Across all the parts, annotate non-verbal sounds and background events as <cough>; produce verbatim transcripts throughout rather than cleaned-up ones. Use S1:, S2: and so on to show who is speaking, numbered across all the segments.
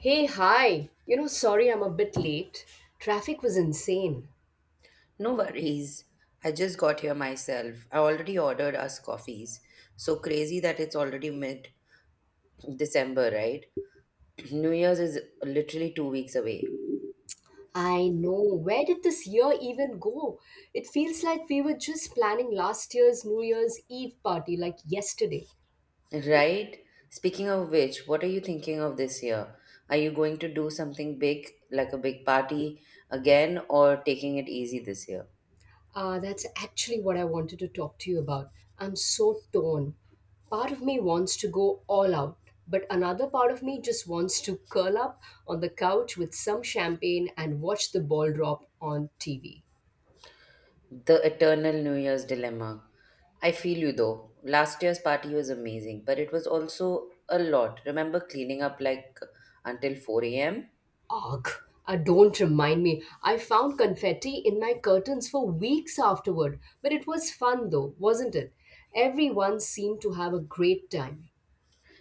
S1: Hey, hi. You know, sorry I'm a bit late. Traffic was insane.
S2: No worries. I just got here myself. I already ordered us coffees. So crazy that it's already mid December, right? <clears throat> New Year's is literally two weeks away.
S1: I know. Where did this year even go? It feels like we were just planning last year's New Year's Eve party like yesterday.
S2: Right? Speaking of which, what are you thinking of this year? Are you going to do something big, like a big party again, or taking it easy this year?
S1: Uh, that's actually what I wanted to talk to you about. I'm so torn. Part of me wants to go all out, but another part of me just wants to curl up on the couch with some champagne and watch the ball drop on T V.
S2: The eternal New Year's dilemma. I feel you though. Last year's party was amazing, but it was also a lot. Remember cleaning up like until four a m?
S1: Ugh, uh, don't remind me. I found confetti in my curtains for weeks afterward, but it was fun though, wasn't it? Everyone seemed to have a great time. <laughs>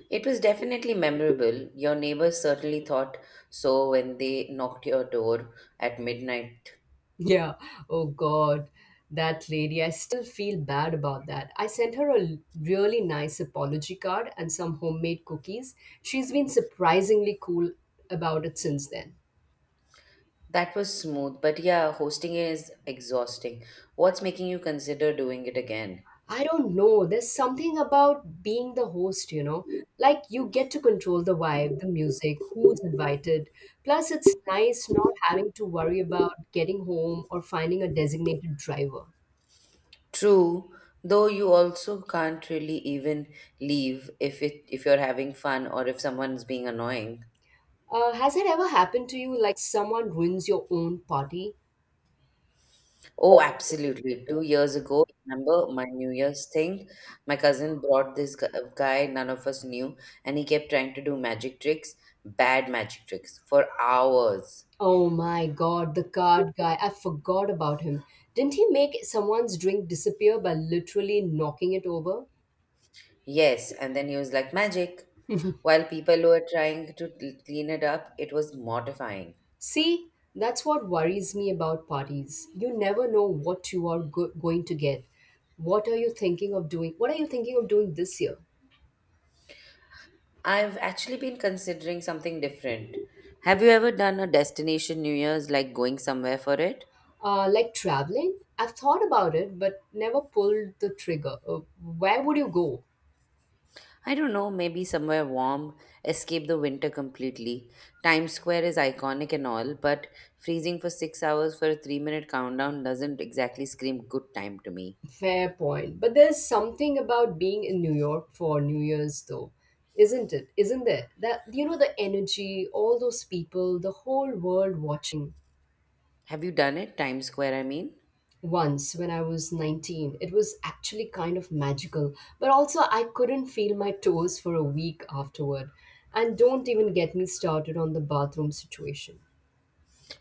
S2: It was definitely memorable. Your neighbors certainly thought so when they knocked your door at midnight.
S1: Yeah, oh god, that lady, I still feel bad about that. I sent her a l- really nice apology card and some homemade cookies. She's been surprisingly cool about it since then.
S2: That was smooth, but yeah, hosting is exhausting. What's making you consider doing it again?
S1: I don't know. There's something about being the host, you know? Like you get to control the vibe, the music, who's invited. Plus, it's nice not having to worry about getting home or finding a designated driver.
S2: True, though you also can't really even leave if it if you're having fun or if someone's being annoying.
S1: Uh, has it ever happened to you like someone ruins your own party?
S2: Oh, absolutely. Two years ago, remember my New Year's thing? My cousin brought this gu- guy none of us knew, and he kept trying to do magic tricks, bad magic tricks, for hours.
S1: Oh my god, the card guy. I forgot about him. Didn't he make someone's drink disappear by literally knocking it over?
S2: Yes, and then he was like, magic.
S1: <laughs>
S2: While people were trying to cl- clean it up, it was mortifying.
S1: See, that's what worries me about parties. You never know what you are go- going to get. What are you thinking of doing? What are you thinking of doing this year?
S2: I've actually been considering something different. Have you ever done a destination New Year's, like going somewhere for it?
S1: Uh, like traveling? I've thought about it, but never pulled the trigger. Uh, where would you go?
S2: I don't know, maybe somewhere warm, escape the winter completely. Times Square is iconic and all, but freezing for six hours for a three minute countdown doesn't exactly scream good time to me.
S1: Fair point. But there's something about being in New York for New Year's, though, isn't it? Isn't there? That you know the energy, all those people, the whole world watching.
S2: Have you done it? Times Square, I mean?
S1: Once when I was nineteen. It was actually kind of magical, but also I couldn't feel my toes for a week afterward. And don't even get me started on the bathroom situation.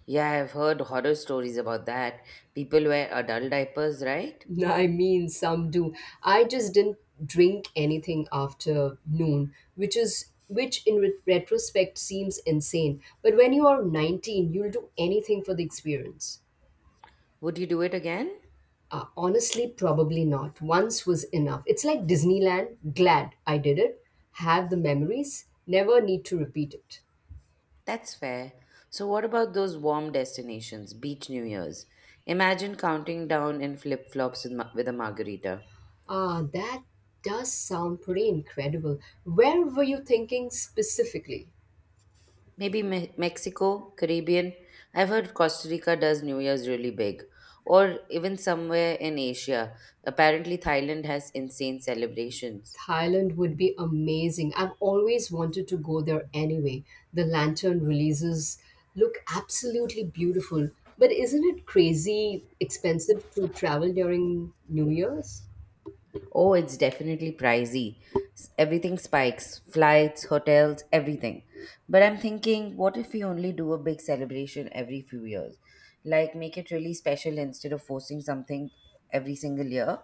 S2: Yeah, I've heard horror stories about that. People wear adult diapers, right?
S1: <laughs> I mean, some do. I just didn't drink anything after noon, which is which in re- retrospect seems insane. But when you are nineteen, you'll do anything for the experience.
S2: Would you do it again?
S1: Uh, honestly, probably not. Once was enough. It's like Disneyland. Glad I did it. Have the memories. Never need to repeat it.
S2: That's fair. So, what about those warm destinations, beach New Year's? Imagine counting down in flip flops with, ma- with a margarita.
S1: Ah, that does sound pretty incredible. Where were you thinking specifically?
S2: Maybe Me- Mexico, Caribbean. I've heard Costa Rica does New Year's really big. Or even somewhere in Asia. Apparently, Thailand has insane celebrations.
S1: Thailand would be amazing. I've always wanted to go there anyway. The lantern releases look absolutely beautiful. But isn't it crazy expensive to travel during New Year's?
S2: Oh, it's definitely pricey. S- Everything spikes: flights, hotels, everything. But I'm thinking, what if we only do a big celebration every few years? Like, make it really special instead of forcing something every single year?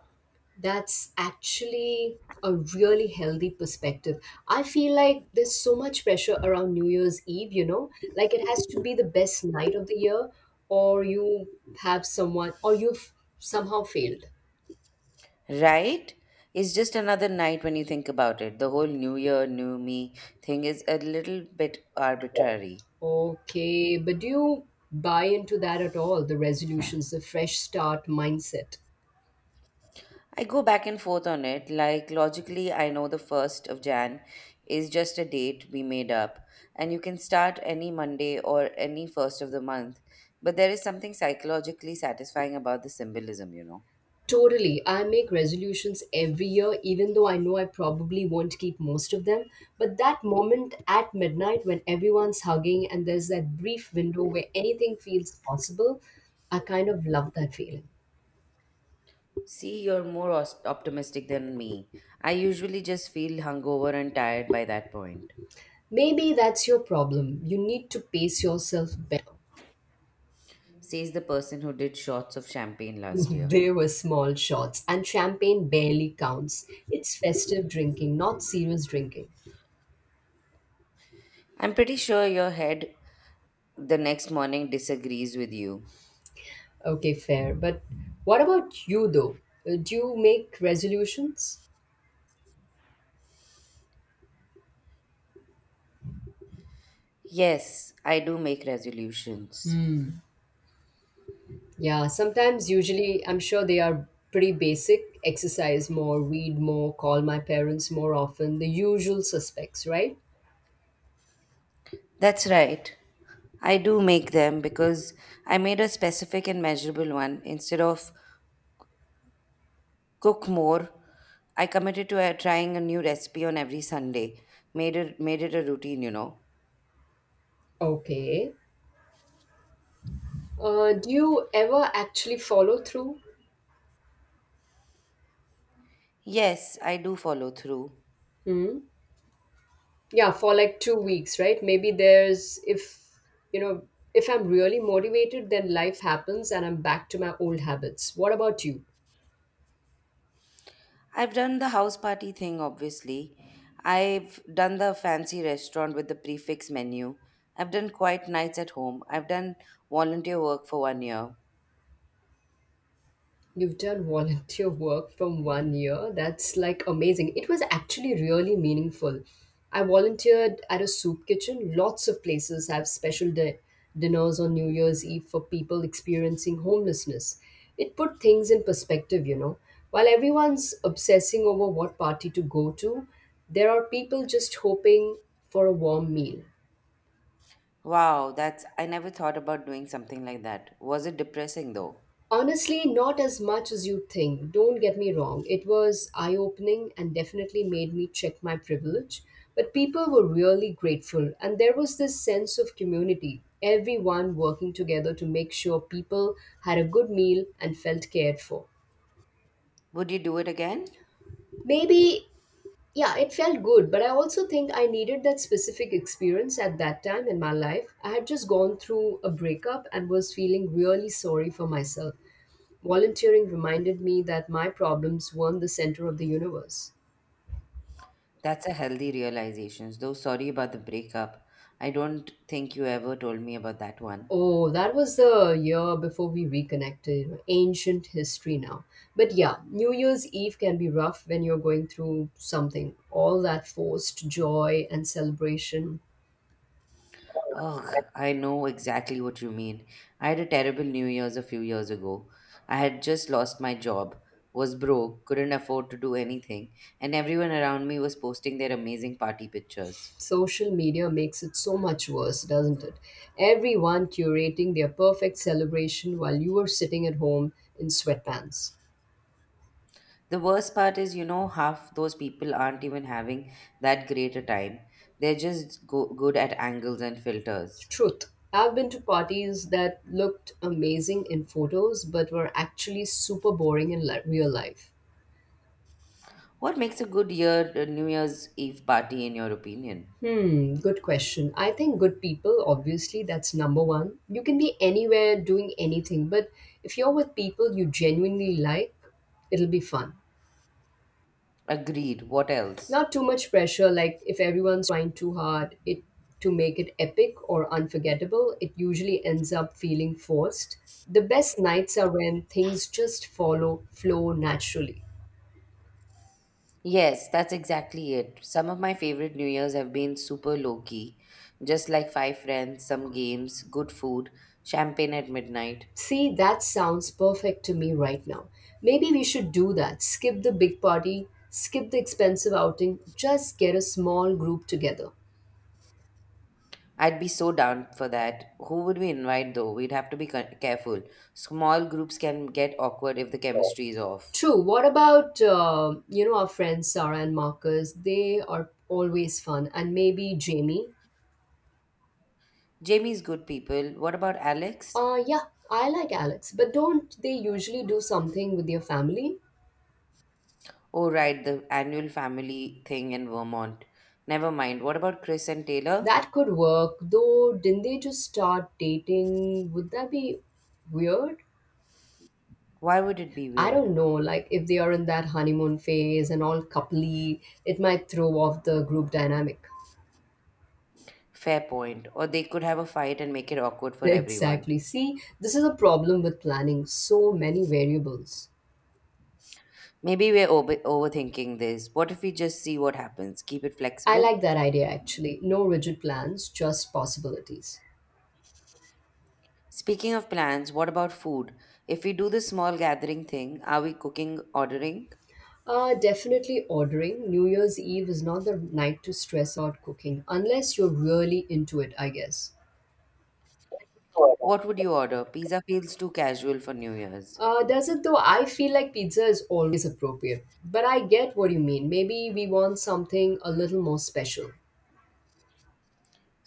S1: That's actually a really healthy perspective. I feel like there's so much pressure around New Year's Eve, you know, like it has to be the best night of the year, or you have someone, or you've somehow failed.
S2: Right? It's just another night when you think about it. The whole new year, new me thing is a little bit arbitrary.
S1: Okay, but do you buy into that at all? The resolutions, the fresh start mindset?
S2: I go back and forth on it. Like, logically, I know the first of Jan is just a date we made up, and you can start any Monday or any first of the month. But there is something psychologically satisfying about the symbolism, you know.
S1: Totally. I make resolutions every year, even though I know I probably won't keep most of them. But that moment at midnight when everyone's hugging and there's that brief window where anything feels possible, I kind of love that feeling.
S2: See, you're more os- optimistic than me. I usually just feel hungover and tired by that point,
S1: Maybe that's your problem. You need to pace yourself better.
S2: says the person who did shots of champagne
S1: <laughs>
S2: last year.
S1: They were small shots, and champagne barely counts. It's festive drinking, not serious drinking.
S2: I'm pretty sure your head the next morning disagrees with you.
S1: Okay, fair. But what about you, though? Uh, Do you make resolutions?
S2: Yes, I do make resolutions.
S1: Yeah, sometimes, usually, I'm sure they are pretty basic exercise more, read more, call my parents more often, the usual suspects, right?
S2: That's right. I do make them because I made a specific and measurable one. Instead of cook more, I committed to uh, trying a new recipe on every Sunday. Made it made it a routine, you know.
S1: Okay. Uh, do you ever actually follow through?
S2: Yes, I do follow through.
S1: Hmm? Yeah, for like two weeks, right? Maybe there's, if, you know, if I'm really motivated, then life happens and I'm back to my old habits. What about you?
S2: I've done the house party thing, obviously. I've done the fancy restaurant with the prefix menu. I've done quiet nights at home. I've done volunteer work for one year.
S1: You've done volunteer work from one year. That's like amazing. It was actually really meaningful. I volunteered at a soup kitchen. Lots of places have special di- dinners on New Year's Eve for people experiencing homelessness. It put things in perspective, you know. While everyone's obsessing over what party to go to, there are people just hoping for a warm meal.
S2: Wow, that's, I never thought about doing something like that. Was it depressing though?
S1: Honestly, not as much as you'd think. Don't get me wrong. It was eye opening and definitely made me check my privilege. But people were really grateful, and there was this sense of community, everyone working together to make sure people had a good meal and felt cared for.
S2: Would you do it again?
S1: Maybe, yeah, it felt good, but I also think I needed that specific experience at that time in my life. I had just gone through a breakup and was feeling really sorry for myself. Volunteering reminded me that my problems weren't the center of the universe.
S2: That's a healthy realization, though sorry about the breakup. I don't think you ever told me about that one.
S1: Oh, that was the year before we reconnected. Ancient history now. But yeah, New Year's Eve can be rough when you're going through something. All that forced joy and celebration.
S2: Ugh, I know exactly what you mean. I had a terrible New Year's a few years ago. I had just lost my job, was broke, couldn't afford to do anything, and everyone around me was posting their amazing party pictures.
S1: Social media makes it so much worse, doesn't it? Everyone curating their perfect celebration while you are sitting at home in sweatpants.
S2: The worst part is, you know, half those people aren't even having that great a time. They're just go- good at angles and filters.
S1: Truth. I've been to parties that looked amazing in photos but were actually super boring in li- real life.
S2: What makes a good year uh, New Year's Eve party in your opinion?
S1: Hmm, good question. I think good people, obviously, that's number one. You can be anywhere doing anything, but if you're with people you genuinely like, it'll be fun.
S2: Agreed. What else?
S1: Not too much pressure, like if everyone's trying too hard it to make it epic or unforgettable, it usually ends up feeling forced. The best nights are when things just follow, flow naturally.
S2: Yes, that's exactly it. Some of my favorite New Year's have been super low key, just like five friends, some games, good food, champagne at midnight.
S1: See, that sounds perfect to me right now. Maybe we should do that. Skip the big party, skip the expensive outing, just get a small group together.
S2: I'd be so down for that. Who would we invite though? We'd have to be ca- careful. Small groups can get awkward if the chemistry is off.
S1: True. What about uh, you know our friends Sarah and Marcus? They are always fun, and maybe Jamie.
S2: Jamie's good people. What about Alex?
S1: Uh, yeah, I like Alex, but don't they usually do something with their family?
S2: Oh, right, the annual family thing in Vermont. Never mind. What about Chris and Taylor?
S1: That could work, though. Didn't they just start dating? Would that be weird?
S2: Why would it be
S1: I
S2: weird?
S1: don't know, like if they are in that honeymoon phase and all coupley, it might throw off the group dynamic. <laughs>
S2: Fair point. Or they could have a fight and make it awkward for everyone.
S1: Exactly. See, this is a problem with planning, so many variables.
S2: Maybe we're over- overthinking this. What if we just see what happens? Keep it
S1: I
S2: flexible?
S1: like that idea actually. No rigid plans, just possibilities.
S2: Speaking of plans, what about food? If we do the small gathering thing, are we cooking, ordering?
S1: Uh, definitely ordering. New Year's Eve is not the night to stress out cooking, unless you're really into it, I guess.
S2: What would you order? Pizza feels too casual for New Year's.
S1: Uh, does it though? I feel like pizza is always appropriate. But I get what you mean. Maybe we want something a little more special.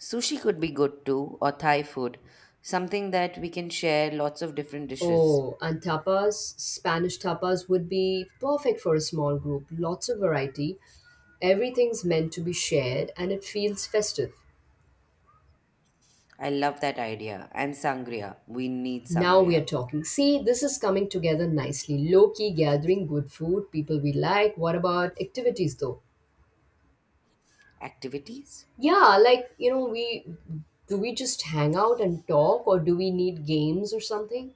S2: Sushi could be good too, or Thai food. Something that we can share, lots of different dishes.
S1: Oh, and tapas, Spanish tapas would be perfect for a small group. Lots of variety. Everything's meant to be shared and it feels festive.
S2: I love that idea. And sangria. We need
S1: Now we are
S2: sangria.
S1: talking. See, this is coming together nicely. Low key gathering, good food, people we like. What about activities though?
S2: Activities?
S1: Yeah, like, you know, we do we just hang out and talk or do we need games or something?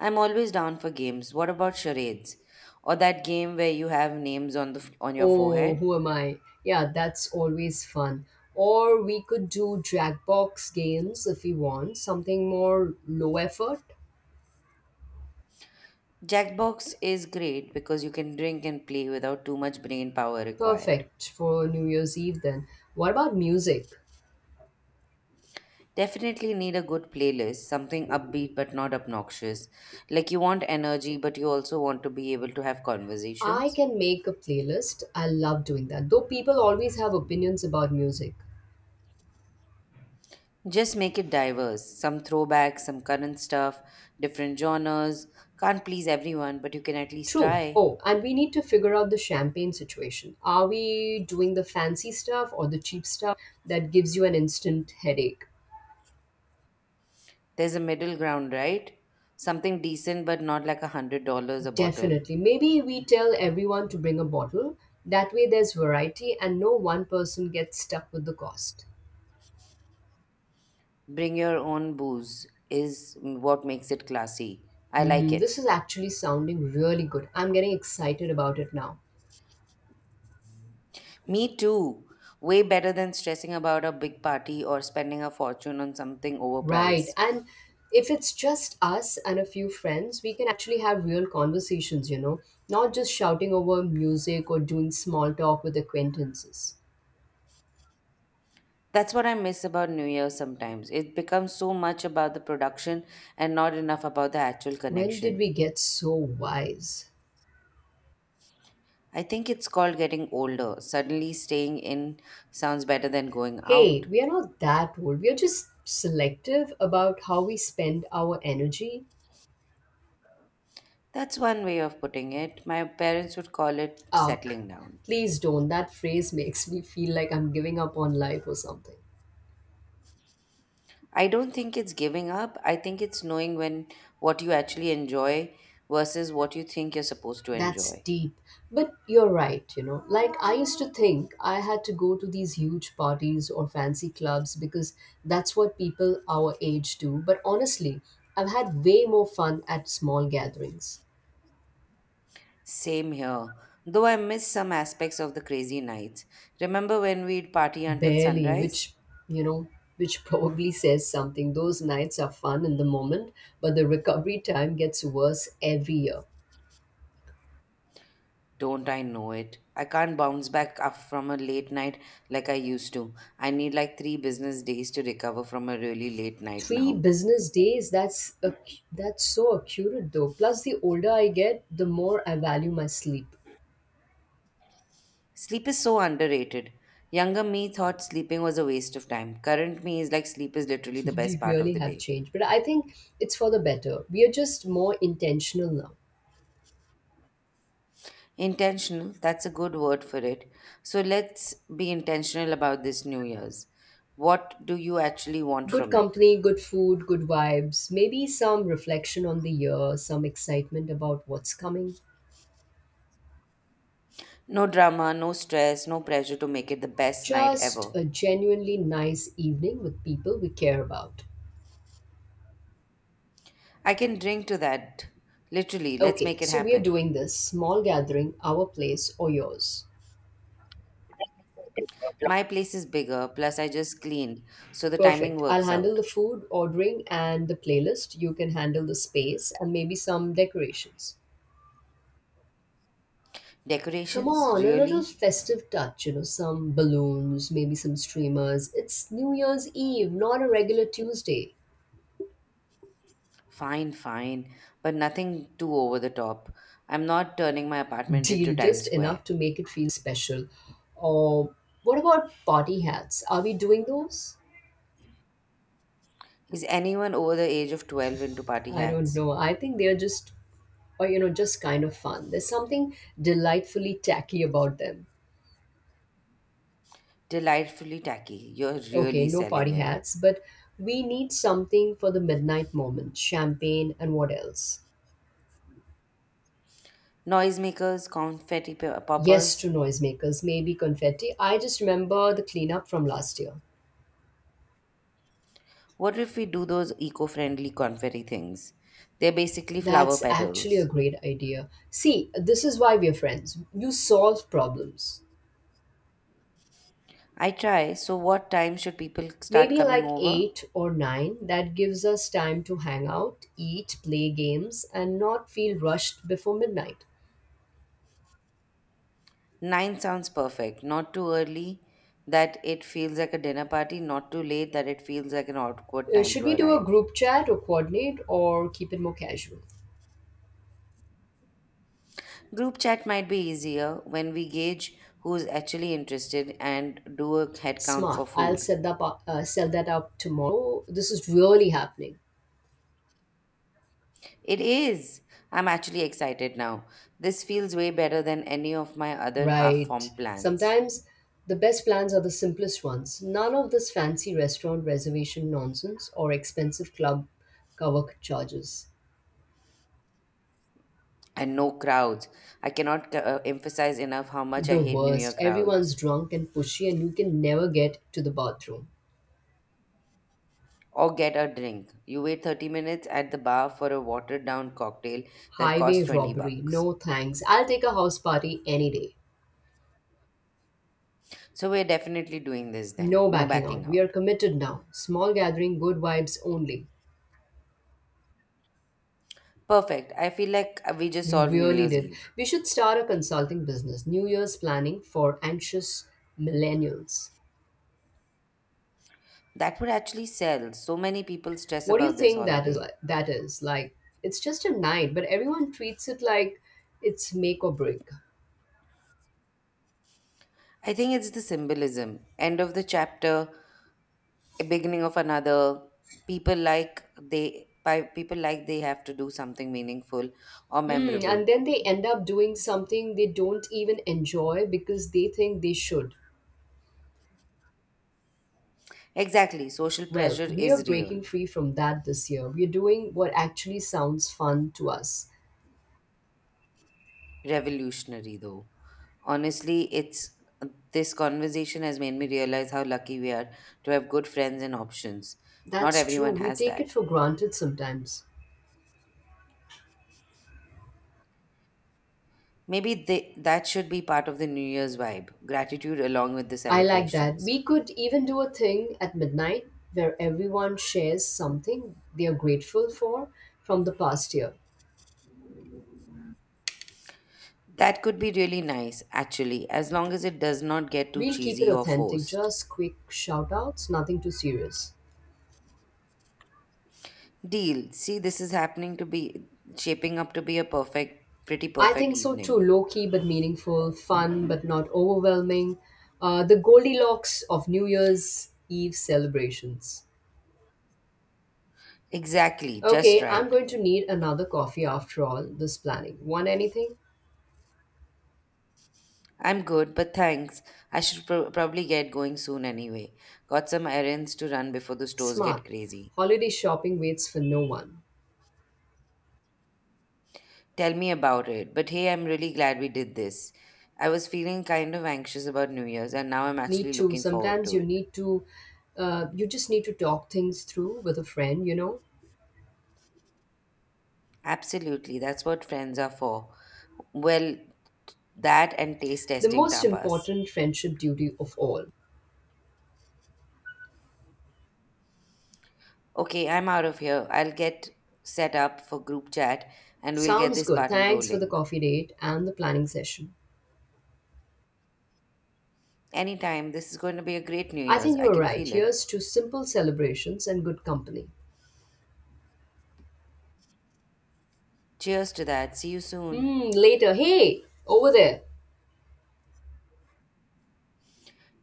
S2: I'm always down for games. What about charades? Or that game where you have names on the f- on your
S1: Oh,
S2: forehead?
S1: who am I? Yeah, that's always fun. Or we could do Jackbox games if we want, something more low effort.
S2: Jackbox is great because you can drink and play without too much brain power required.
S1: Perfect for New Year's Eve then. What about music?
S2: Definitely need a good playlist, something upbeat but not obnoxious. Like you want energy but you also want to be able to have
S1: I
S2: conversations.
S1: can make a playlist. I love doing that. Though people always have opinions about music.
S2: Just make it diverse. Some throwbacks, some current stuff, different genres. Can't please everyone, but you can at least
S1: True.
S2: try.
S1: Oh, and we need to figure out the champagne situation. Are we doing the fancy stuff or the cheap stuff that gives you an instant headache?
S2: There's a middle ground, right? Something decent, but not like a hundred dollars a bottle.
S1: Definitely. Maybe we tell everyone to bring a bottle. That way, there's variety and no one person gets stuck with the cost.
S2: Bring your own booze is what makes it classy. I like
S1: Hmm,
S2: it.
S1: this is actually sounding really good. I'm getting excited about it now.
S2: Me too. Way better than stressing about a big party or spending a fortune on something
S1: Right.
S2: overpriced.
S1: And if it's just us and a few friends, we can actually have real conversations, you know, not just shouting over music or doing small talk with acquaintances.
S2: That's what I miss about New Year sometimes. It becomes so much about the production and not enough about the actual
S1: When did
S2: connection.
S1: we get so wise?
S2: I think it's called getting older. Suddenly staying in sounds better than going
S1: Hey,
S2: out.
S1: we are not that old. We are just selective about how we spend our energy.
S2: That's one way of putting it. My parents would call it
S1: Ugh,
S2: settling down.
S1: please don't. That phrase makes me feel like I'm giving up on life or something.
S2: I don't think it's giving up. I think it's knowing when what you actually enjoy versus what you think you're supposed to
S1: That's
S2: enjoy.
S1: deep. But you're right, you know. Like, I used to think I had to go to these huge parties or fancy clubs because that's what people our age do. But honestly, I've had way more fun at small gatherings.
S2: Same here. Though I miss some aspects of the crazy nights. Remember when we'd party until
S1: Barely,
S2: sunrise?
S1: which, you know, which probably says something. Those nights are fun in the moment, but the recovery time gets worse every year.
S2: Don't I know it? I can't bounce back up from a late night like I used to. I need like three business days to recover from a really late night
S1: Three
S2: now.
S1: business days, that's a, that's so accurate though. Plus, the older I get, the more I value my sleep.
S2: Sleep is so underrated. Younger me thought sleeping was a waste of time. Current me is like, sleep is literally the
S1: <laughs> We
S2: best part of
S1: really
S2: the
S1: have
S2: day.
S1: changed, but I think it's for the better. We are just more intentional now.
S2: Intentional, that's a good word for it. So let's be intentional about this New Year's. What do you actually want
S1: Good
S2: from it?
S1: company, good food, good vibes, maybe some reflection on the year, some excitement about what's coming.
S2: No drama, no stress, no pressure to make it the best night
S1: Just
S2: ever.
S1: a genuinely nice evening with people we care about.
S2: I can drink to that. Literally, let's
S1: Okay,
S2: make it
S1: so we are
S2: happen.
S1: doing this small gathering, our place or yours.
S2: My place is bigger, plus I just cleaned, so the timing
S1: Perfect. I'll
S2: works
S1: handle
S2: out.
S1: the food, ordering, and the playlist. You can handle the space and maybe some decorations. Come
S2: Decorations?
S1: on, a little
S2: Really?
S1: festive touch, you know, some balloons, maybe some streamers. It's New Year's Eve, not a regular Tuesday.
S2: Fine, fine, but nothing too over the top. I'm not turning my apartment into
S1: Deal, just
S2: Times
S1: enough
S2: Square.
S1: to make it feel special. Or what about party hats? Are we doing those?
S2: Is anyone over the age of twelve into party
S1: I don't
S2: hats?
S1: know. I think they are just, or, you know, just kind of fun. There's something delightfully tacky about them.
S2: Delightfully tacky. You're
S1: Okay,
S2: really
S1: no party
S2: selling it.
S1: hats, but we need something for the midnight moment champagne and what else?
S2: Noisemakers, confetti pe-
S1: Yes,
S2: poppers.
S1: to noisemakers, maybe confetti. I just remember the cleanup from last year.
S2: What if we do those eco friendly confetti things? They're basically flower
S1: That's actually a
S2: petals.
S1: great idea. See, this is why we're friends. You solve problems.
S2: I try. So, what time should people start
S1: Maybe
S2: coming
S1: like
S2: over?
S1: eight or nine, that gives us time to hang out, eat, play games, and not feel rushed before midnight.
S2: nine sounds perfect. Not too early that it feels like a dinner party, not too late that it feels like an awkward
S1: Uh,
S2: time
S1: should
S2: to
S1: we do a
S2: arrive.
S1: group chat or coordinate or keep it more casual?
S2: Group chat might be easier when we gauge who's actually interested and do a head count for
S1: Smart. I'll
S2: food.
S1: set that up, uh, set that up tomorrow. This is really happening.
S2: It is! I'm actually excited now. This feels way better than any of my other half
S1: Right.
S2: formed plans.
S1: Sometimes the best plans are the simplest ones. None of this fancy restaurant reservation nonsense or expensive club cover charges.
S2: And no crowds. I cannot uh, emphasize enough how much
S1: The
S2: I hate New Year
S1: worst. Everyone's
S2: crowds.
S1: drunk and pushy, and you can never get to the bathroom.
S2: Or get a drink. You wait thirty minutes at the bar for a watered down cocktail that
S1: Highway
S2: costs 20
S1: robbery.
S2: bucks.
S1: No thanks. I'll take a house party any day.
S2: So we're definitely doing this then.
S1: No
S2: No
S1: backing out.
S2: backing
S1: We are
S2: out.
S1: committed now. Small gathering, good vibes only.
S2: Perfect. I feel like we just
S1: We
S2: solved New
S1: really
S2: Year's
S1: did.
S2: Eve.
S1: We should start a consulting business. New Year's planning for anxious millennials.
S2: That would actually sell. So many people stress
S1: What do you
S2: about this
S1: think that is
S2: holiday.
S1: like? That is like it's just a night, but everyone treats it like it's make or break.
S2: I think it's the symbolism. End of the chapter, a beginning of another. People like they pi- people like they have to do something meaningful or
S1: Hmm,
S2: memorable.
S1: and then they end up doing something they don't even enjoy because they think they should.
S2: Exactly. Social
S1: Well,
S2: pressure
S1: we are
S2: is real.
S1: breaking free from that this year. We're doing what actually sounds fun to us.
S2: Revolutionary though. Honestly, it's, this conversation has made me realize how lucky we are to have good friends and options. Not
S1: That's true.
S2: everyone
S1: We
S2: has
S1: take it
S2: that.
S1: for granted sometimes.
S2: Maybe they, that should be part of the New Year's vibe: gratitude along with the
S1: I like that.
S2: celebrations.
S1: We could even do a thing at midnight where everyone shares something they are grateful for from the past year.
S2: That could be really nice actually, as long as it does not get too
S1: We'll keep it
S2: cheesy or
S1: authentic,
S2: forced.
S1: just quick shout outs, nothing too serious.
S2: Deal. See, this is happening to be shaping up to be a perfect, pretty
S1: I
S2: perfect
S1: think so too.
S2: evening.
S1: Low key but meaningful, fun but not overwhelming. Uh, the Goldilocks of New Year's Eve celebrations.
S2: Exactly, just
S1: Okay, I'm
S2: right.
S1: going to need another coffee after all this planning. Want anything?
S2: I'm good, but thanks. I should pro- probably get going soon anyway. Got some errands to run before the stores get
S1: Smart.
S2: crazy.
S1: Holiday shopping waits for no one.
S2: Tell me about it. But hey, I'm really glad we did this. I was feeling kind of anxious about New Year's, and now I'm
S1: Need
S2: actually
S1: to.
S2: looking forward
S1: Sometimes
S2: to
S1: you
S2: it.
S1: need to, uh, you just need to talk things through with a friend, you know?
S2: Absolutely, that's what friends are for. Well, that and taste
S1: The
S2: testing
S1: most
S2: tapas.
S1: important friendship duty of all.
S2: Okay, I'm out of here. I'll get set up for group chat and we'll get
S1: Sounds
S2: this
S1: good.
S2: party
S1: Thanks for the
S2: rolling.
S1: coffee date and the planning session.
S2: Anytime, this is going to be a great New
S1: I think
S2: Year's.
S1: you
S2: I
S1: were
S2: can
S1: right.
S2: feel it.
S1: Here's to simple celebrations and good company.
S2: Cheers to that. See you soon.
S1: Hmm, later. Hey, over there.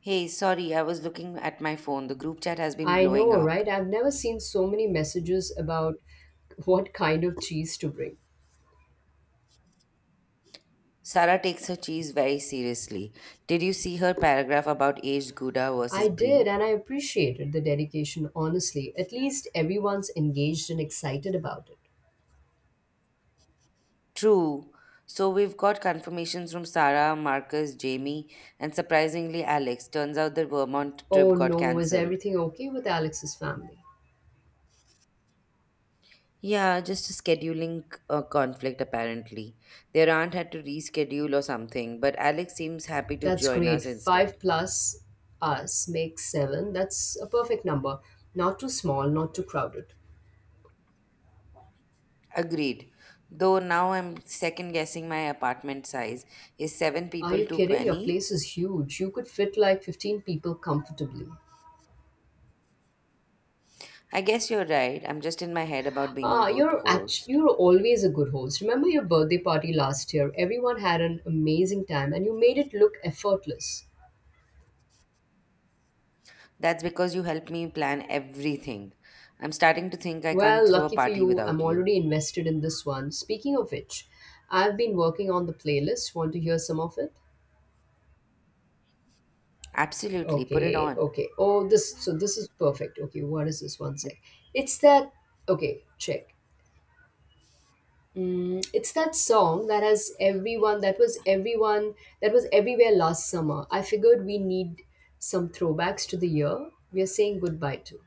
S2: Hey, sorry, I was looking at my phone. The group chat has been
S1: I
S2: blowing
S1: know,
S2: up.
S1: right? I've never seen so many messages about what kind of cheese to bring.
S2: Sarah takes her cheese very seriously. Did you see her paragraph about aged Gouda
S1: I
S2: versus
S1: did,
S2: Brie?
S1: and I appreciated the dedication, honestly. At least everyone's engaged and excited about it.
S2: True. So we've got confirmations from Sarah, Marcus, Jamie, and surprisingly Alex. Turns out the Vermont
S1: Oh
S2: trip got
S1: no, is
S2: cancelled.
S1: everything okay with Alex's family?
S2: Yeah, just a scheduling uh, conflict apparently. Their aunt had to reschedule or something, but Alex seems happy to
S1: That's
S2: join
S1: great.
S2: us instead.
S1: Five plus us makes seven. That's a perfect number. Not too small, not too crowded.
S2: Agreed. Though now I'm second guessing my apartment size. Is seven
S1: Are
S2: people
S1: you
S2: too
S1: kidding? Your
S2: many?
S1: place is huge. You could fit like fifteen people comfortably.
S2: I guess you're right. I'm just in my head about being a
S1: Ah,
S2: good
S1: you're act-
S2: host.
S1: you're always a good host. Remember your birthday party last year? Everyone had an amazing time and you made it look effortless.
S2: That's because you help me plan everything. I'm starting to think I can't
S1: Well,
S2: throw a
S1: lucky for
S2: party
S1: you, I'm
S2: without you.
S1: already invested in this one. Speaking of which, I've been working on the playlist. Want to hear some of it?
S2: Absolutely, put it
S1: Okay,
S2: on.
S1: okay. Oh, this so this is perfect. Okay, what is this? One sec. It's that Okay, check. Mm, it's that song that has everyone that was everyone that was everywhere last summer. I figured we need some throwbacks to the year we are saying goodbye to.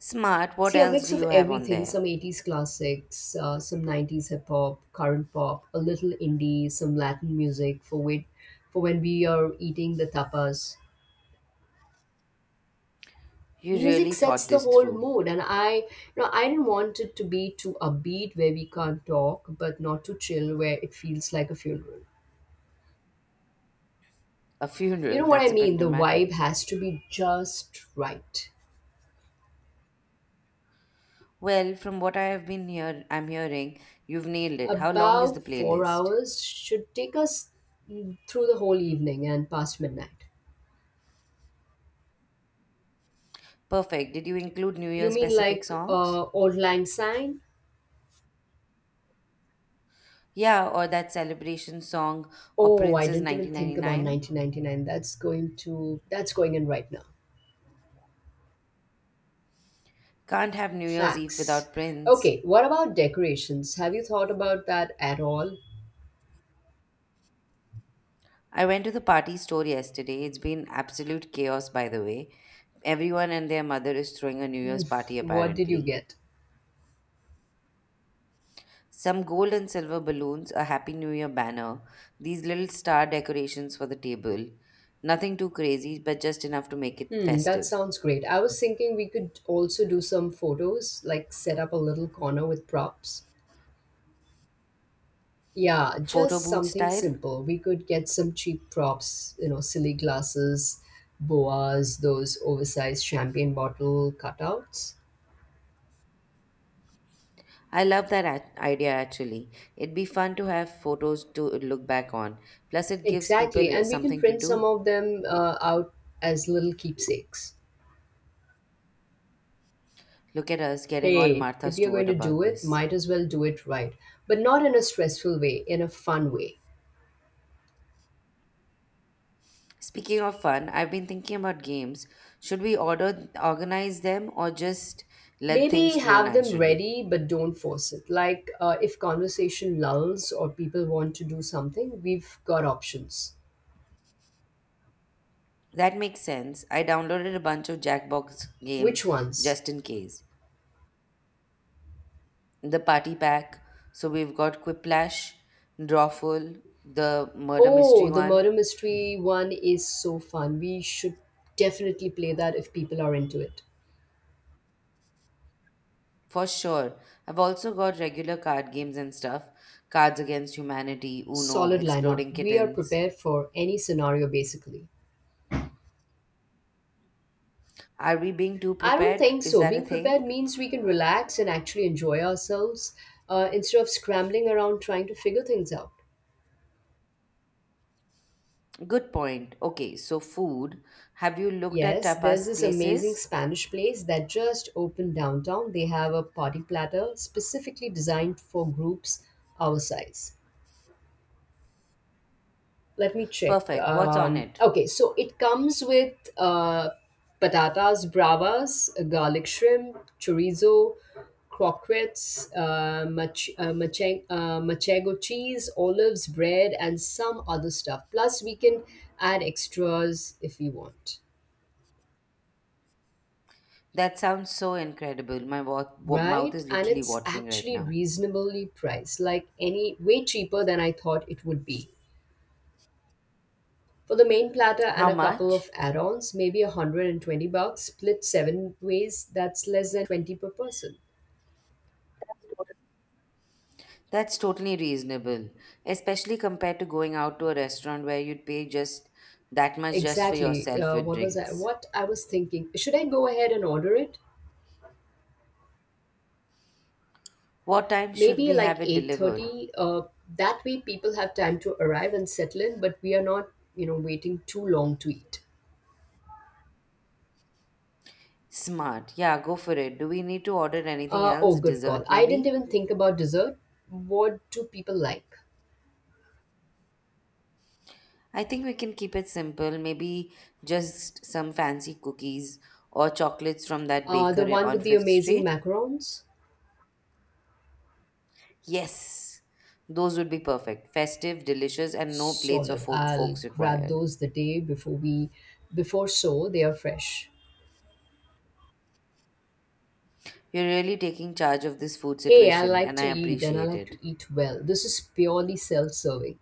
S2: Smart, what
S1: See, a
S2: else
S1: mix
S2: do
S1: of
S2: you have on
S1: everything
S2: there?
S1: some eighties classics, uh, some nineties hip hop, current pop, a little indie, some Latin music for, wait, for when we are eating the tapas.
S2: You
S1: Music
S2: really
S1: sets
S2: thought
S1: the
S2: this
S1: whole
S2: through.
S1: mood, and I, you know, I didn't want it to be too upbeat where we can't talk, but not too chill where it feels like a funeral.
S2: A
S1: You know
S2: funeral,
S1: what I
S2: that's a bit
S1: mean? The vibe
S2: dramatic.
S1: has to be just right.
S2: Well, from what I have been here I'm hearing, you've nailed it. How long is the
S1: About four
S2: playlist?
S1: hours should take us through the whole evening and past midnight.
S2: Perfect. Did you include New
S1: You
S2: Year
S1: mean
S2: specific
S1: like
S2: songs?
S1: uh, Old Lang Syne?
S2: Yeah, or that celebration song or
S1: Oh, I
S2: Prince's
S1: didn't even think about
S2: nineteen ninety-nine.
S1: nineteen ninety-nine. That's going to that's going in right now.
S2: Can't have New Year's Eve
S1: Facts.
S2: without Prince.
S1: Okay, what about decorations? Have you thought about that at all?
S2: I went to the party store yesterday. It's been absolute chaos, by the way. Everyone and their mother is throwing a New Year's
S1: Mm,
S2: party,
S1: what did you
S2: apparently.
S1: get?
S2: Some gold and silver balloons, a Happy New Year banner, these little star decorations for the table. Nothing too crazy, but just enough to make it
S1: Hmm, that
S2: festive.
S1: sounds great. I was thinking we could also do some photos, like set up a little corner with props. Yeah,
S2: Photo
S1: just
S2: booth
S1: something
S2: style?
S1: simple. We could get some cheap props, you know, silly glasses, boas, those oversized champagne bottle cutouts.
S2: I love that ac- idea actually. It'd be fun to have photos to look back on. Plus, it gives
S1: Exactly,
S2: people uh,
S1: and we can
S2: something to
S1: print some
S2: do.
S1: of them uh, out as little keepsakes.
S2: Look at us getting all
S1: Hey,
S2: Martha
S1: if you're going
S2: Stewart
S1: to
S2: about
S1: do it,
S2: this.
S1: might as well do it right, but not in a stressful way, in a fun way.
S2: Speaking of fun, I've been thinking about games. Should we order organize them or just let things
S1: Maybe
S2: flow
S1: have them
S2: naturally?
S1: ready, but don't force it. Like uh, if conversation lulls or people want to do something, we've got options.
S2: That makes sense. I downloaded a bunch of Jackbox games
S1: Which ones?
S2: just in case. The Party Pack, so we've got Quiplash, Drawful, the murder
S1: Oh,
S2: mystery
S1: the
S2: one.
S1: murder mystery one is so fun. We should definitely play that if people are into it.
S2: For sure. I've also got regular card games and stuff. Cards Against Humanity, Uno,
S1: Solid lineup.
S2: Exploding
S1: We are
S2: Kittens.
S1: prepared for any scenario basically.
S2: Are we being too
S1: I don't
S2: prepared?
S1: think
S2: Is
S1: so.
S2: that a
S1: Being prepared
S2: thing?
S1: means we can relax and actually enjoy ourselves uh, instead of scrambling around trying to figure things out.
S2: Good point. Okay, so food. Have you looked at
S1: Yes, there's
S2: tapas
S1: this amazing
S2: places?
S1: Spanish place that just opened downtown. They have a party platter specifically designed for groups our size. Let me check.
S2: Perfect. What's on
S1: Um,
S2: it?
S1: okay, so it comes with uh, patatas bravas, garlic shrimp, chorizo, croquettes, uh, mach- uh, mache- uh, machego cheese, olives, bread, and some other stuff. Plus, we can add extras if we want.
S2: That sounds so incredible. My wa- wa- mouth
S1: Right,
S2: is
S1: and
S2: literally
S1: it's
S2: watering right
S1: actually
S2: now.
S1: reasonably priced, like any way cheaper than I thought it would be. For the main platter and
S2: How
S1: a couple of
S2: much?
S1: add-ons, maybe one hundred twenty bucks split seven ways. That's less than twenty per person.
S2: That's totally reasonable, especially compared to going out to a restaurant where you'd pay just that much just for
S1: Exactly.
S2: yourself
S1: Uh,
S2: with
S1: what was i
S2: drinks.
S1: what I was thinking, should I go ahead and order it?
S2: What time should
S1: Maybe
S2: we
S1: like
S2: have it delivered?
S1: eight thirty. Uh, that way people have time to arrive and settle in, but we are not you know waiting too long to eat.
S2: Smart. Yeah, go for it. Do we need to order anything
S1: Uh, oh,
S2: else?
S1: good call.
S2: Dessert,
S1: I didn't
S2: maybe?
S1: even think about dessert. What do people like?
S2: I think we can keep it simple. Maybe just some fancy cookies or chocolates from that
S1: Uh, the
S2: baker
S1: one
S2: on
S1: with the
S2: Fifth
S1: amazing
S2: Street.
S1: macarons?
S2: Yes, those would be perfect. Festive, delicious, and no plates or
S1: Solid.
S2: fo-
S1: I'll
S2: forks
S1: grab
S2: required.
S1: those the day before we before so they are fresh.
S2: You're really taking charge of this food
S1: Hey, I
S2: situation,
S1: like
S2: and I
S1: to eat and I
S2: appreciate
S1: like
S2: it.
S1: to eat well. This is purely self-serving.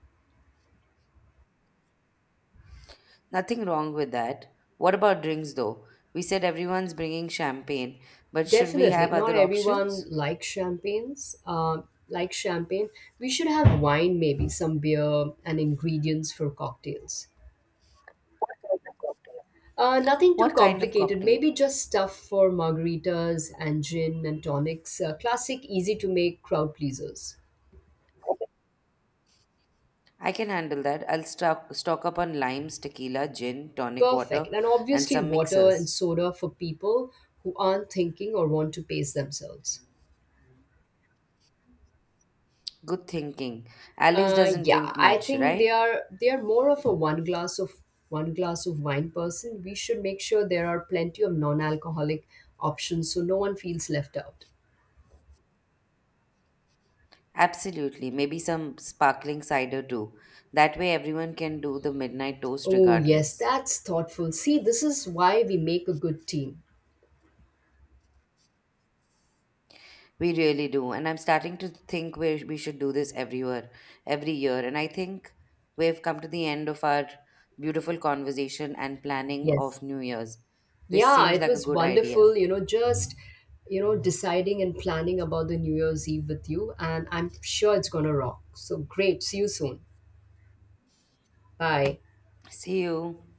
S2: Nothing wrong with that. What about drinks though? We said everyone's bringing champagne, but should we
S1: Definitely,
S2: have
S1: not
S2: other
S1: everyone
S2: options?
S1: likes champagnes. Um, like champagne, we should have wine, maybe some beer and ingredients for cocktails. Uh, nothing too
S2: What kind of
S1: complicated,
S2: cocktail?
S1: maybe just stuff for margaritas and gin and tonics. Uh, classic, easy to make crowd pleasers.
S2: I can handle that. I'll stock, stock up on limes, tequila, gin, tonic
S1: Perfect.
S2: water,
S1: And
S2: and
S1: obviously,
S2: some
S1: water and
S2: mixers.
S1: soda for people who aren't thinking or want to pace themselves.
S2: Good thinking. Alex
S1: Uh,
S2: doesn't
S1: yeah,
S2: drink
S1: I
S2: much,
S1: think they
S2: right?
S1: are they are more of a one glass of one glass of wine person. We should make sure there are plenty of non-alcoholic options so no one feels left out.
S2: Absolutely. Maybe some sparkling cider too. That way everyone can do the midnight toast
S1: Oh yes,
S2: regardless.
S1: that's thoughtful. See, this is why we make a good team.
S2: We really do. And I'm starting to think we we should do this everywhere, every year. And I think we've come to the end of our beautiful conversation and planning
S1: Yes.
S2: of New Year's. This
S1: Yeah,
S2: seems
S1: it
S2: like a
S1: was
S2: good idea.
S1: wonderful, you know, just, you know, deciding and planning about the New Year's Eve with you. And I'm sure it's going to rock. So great. See you soon. Bye.
S2: See you.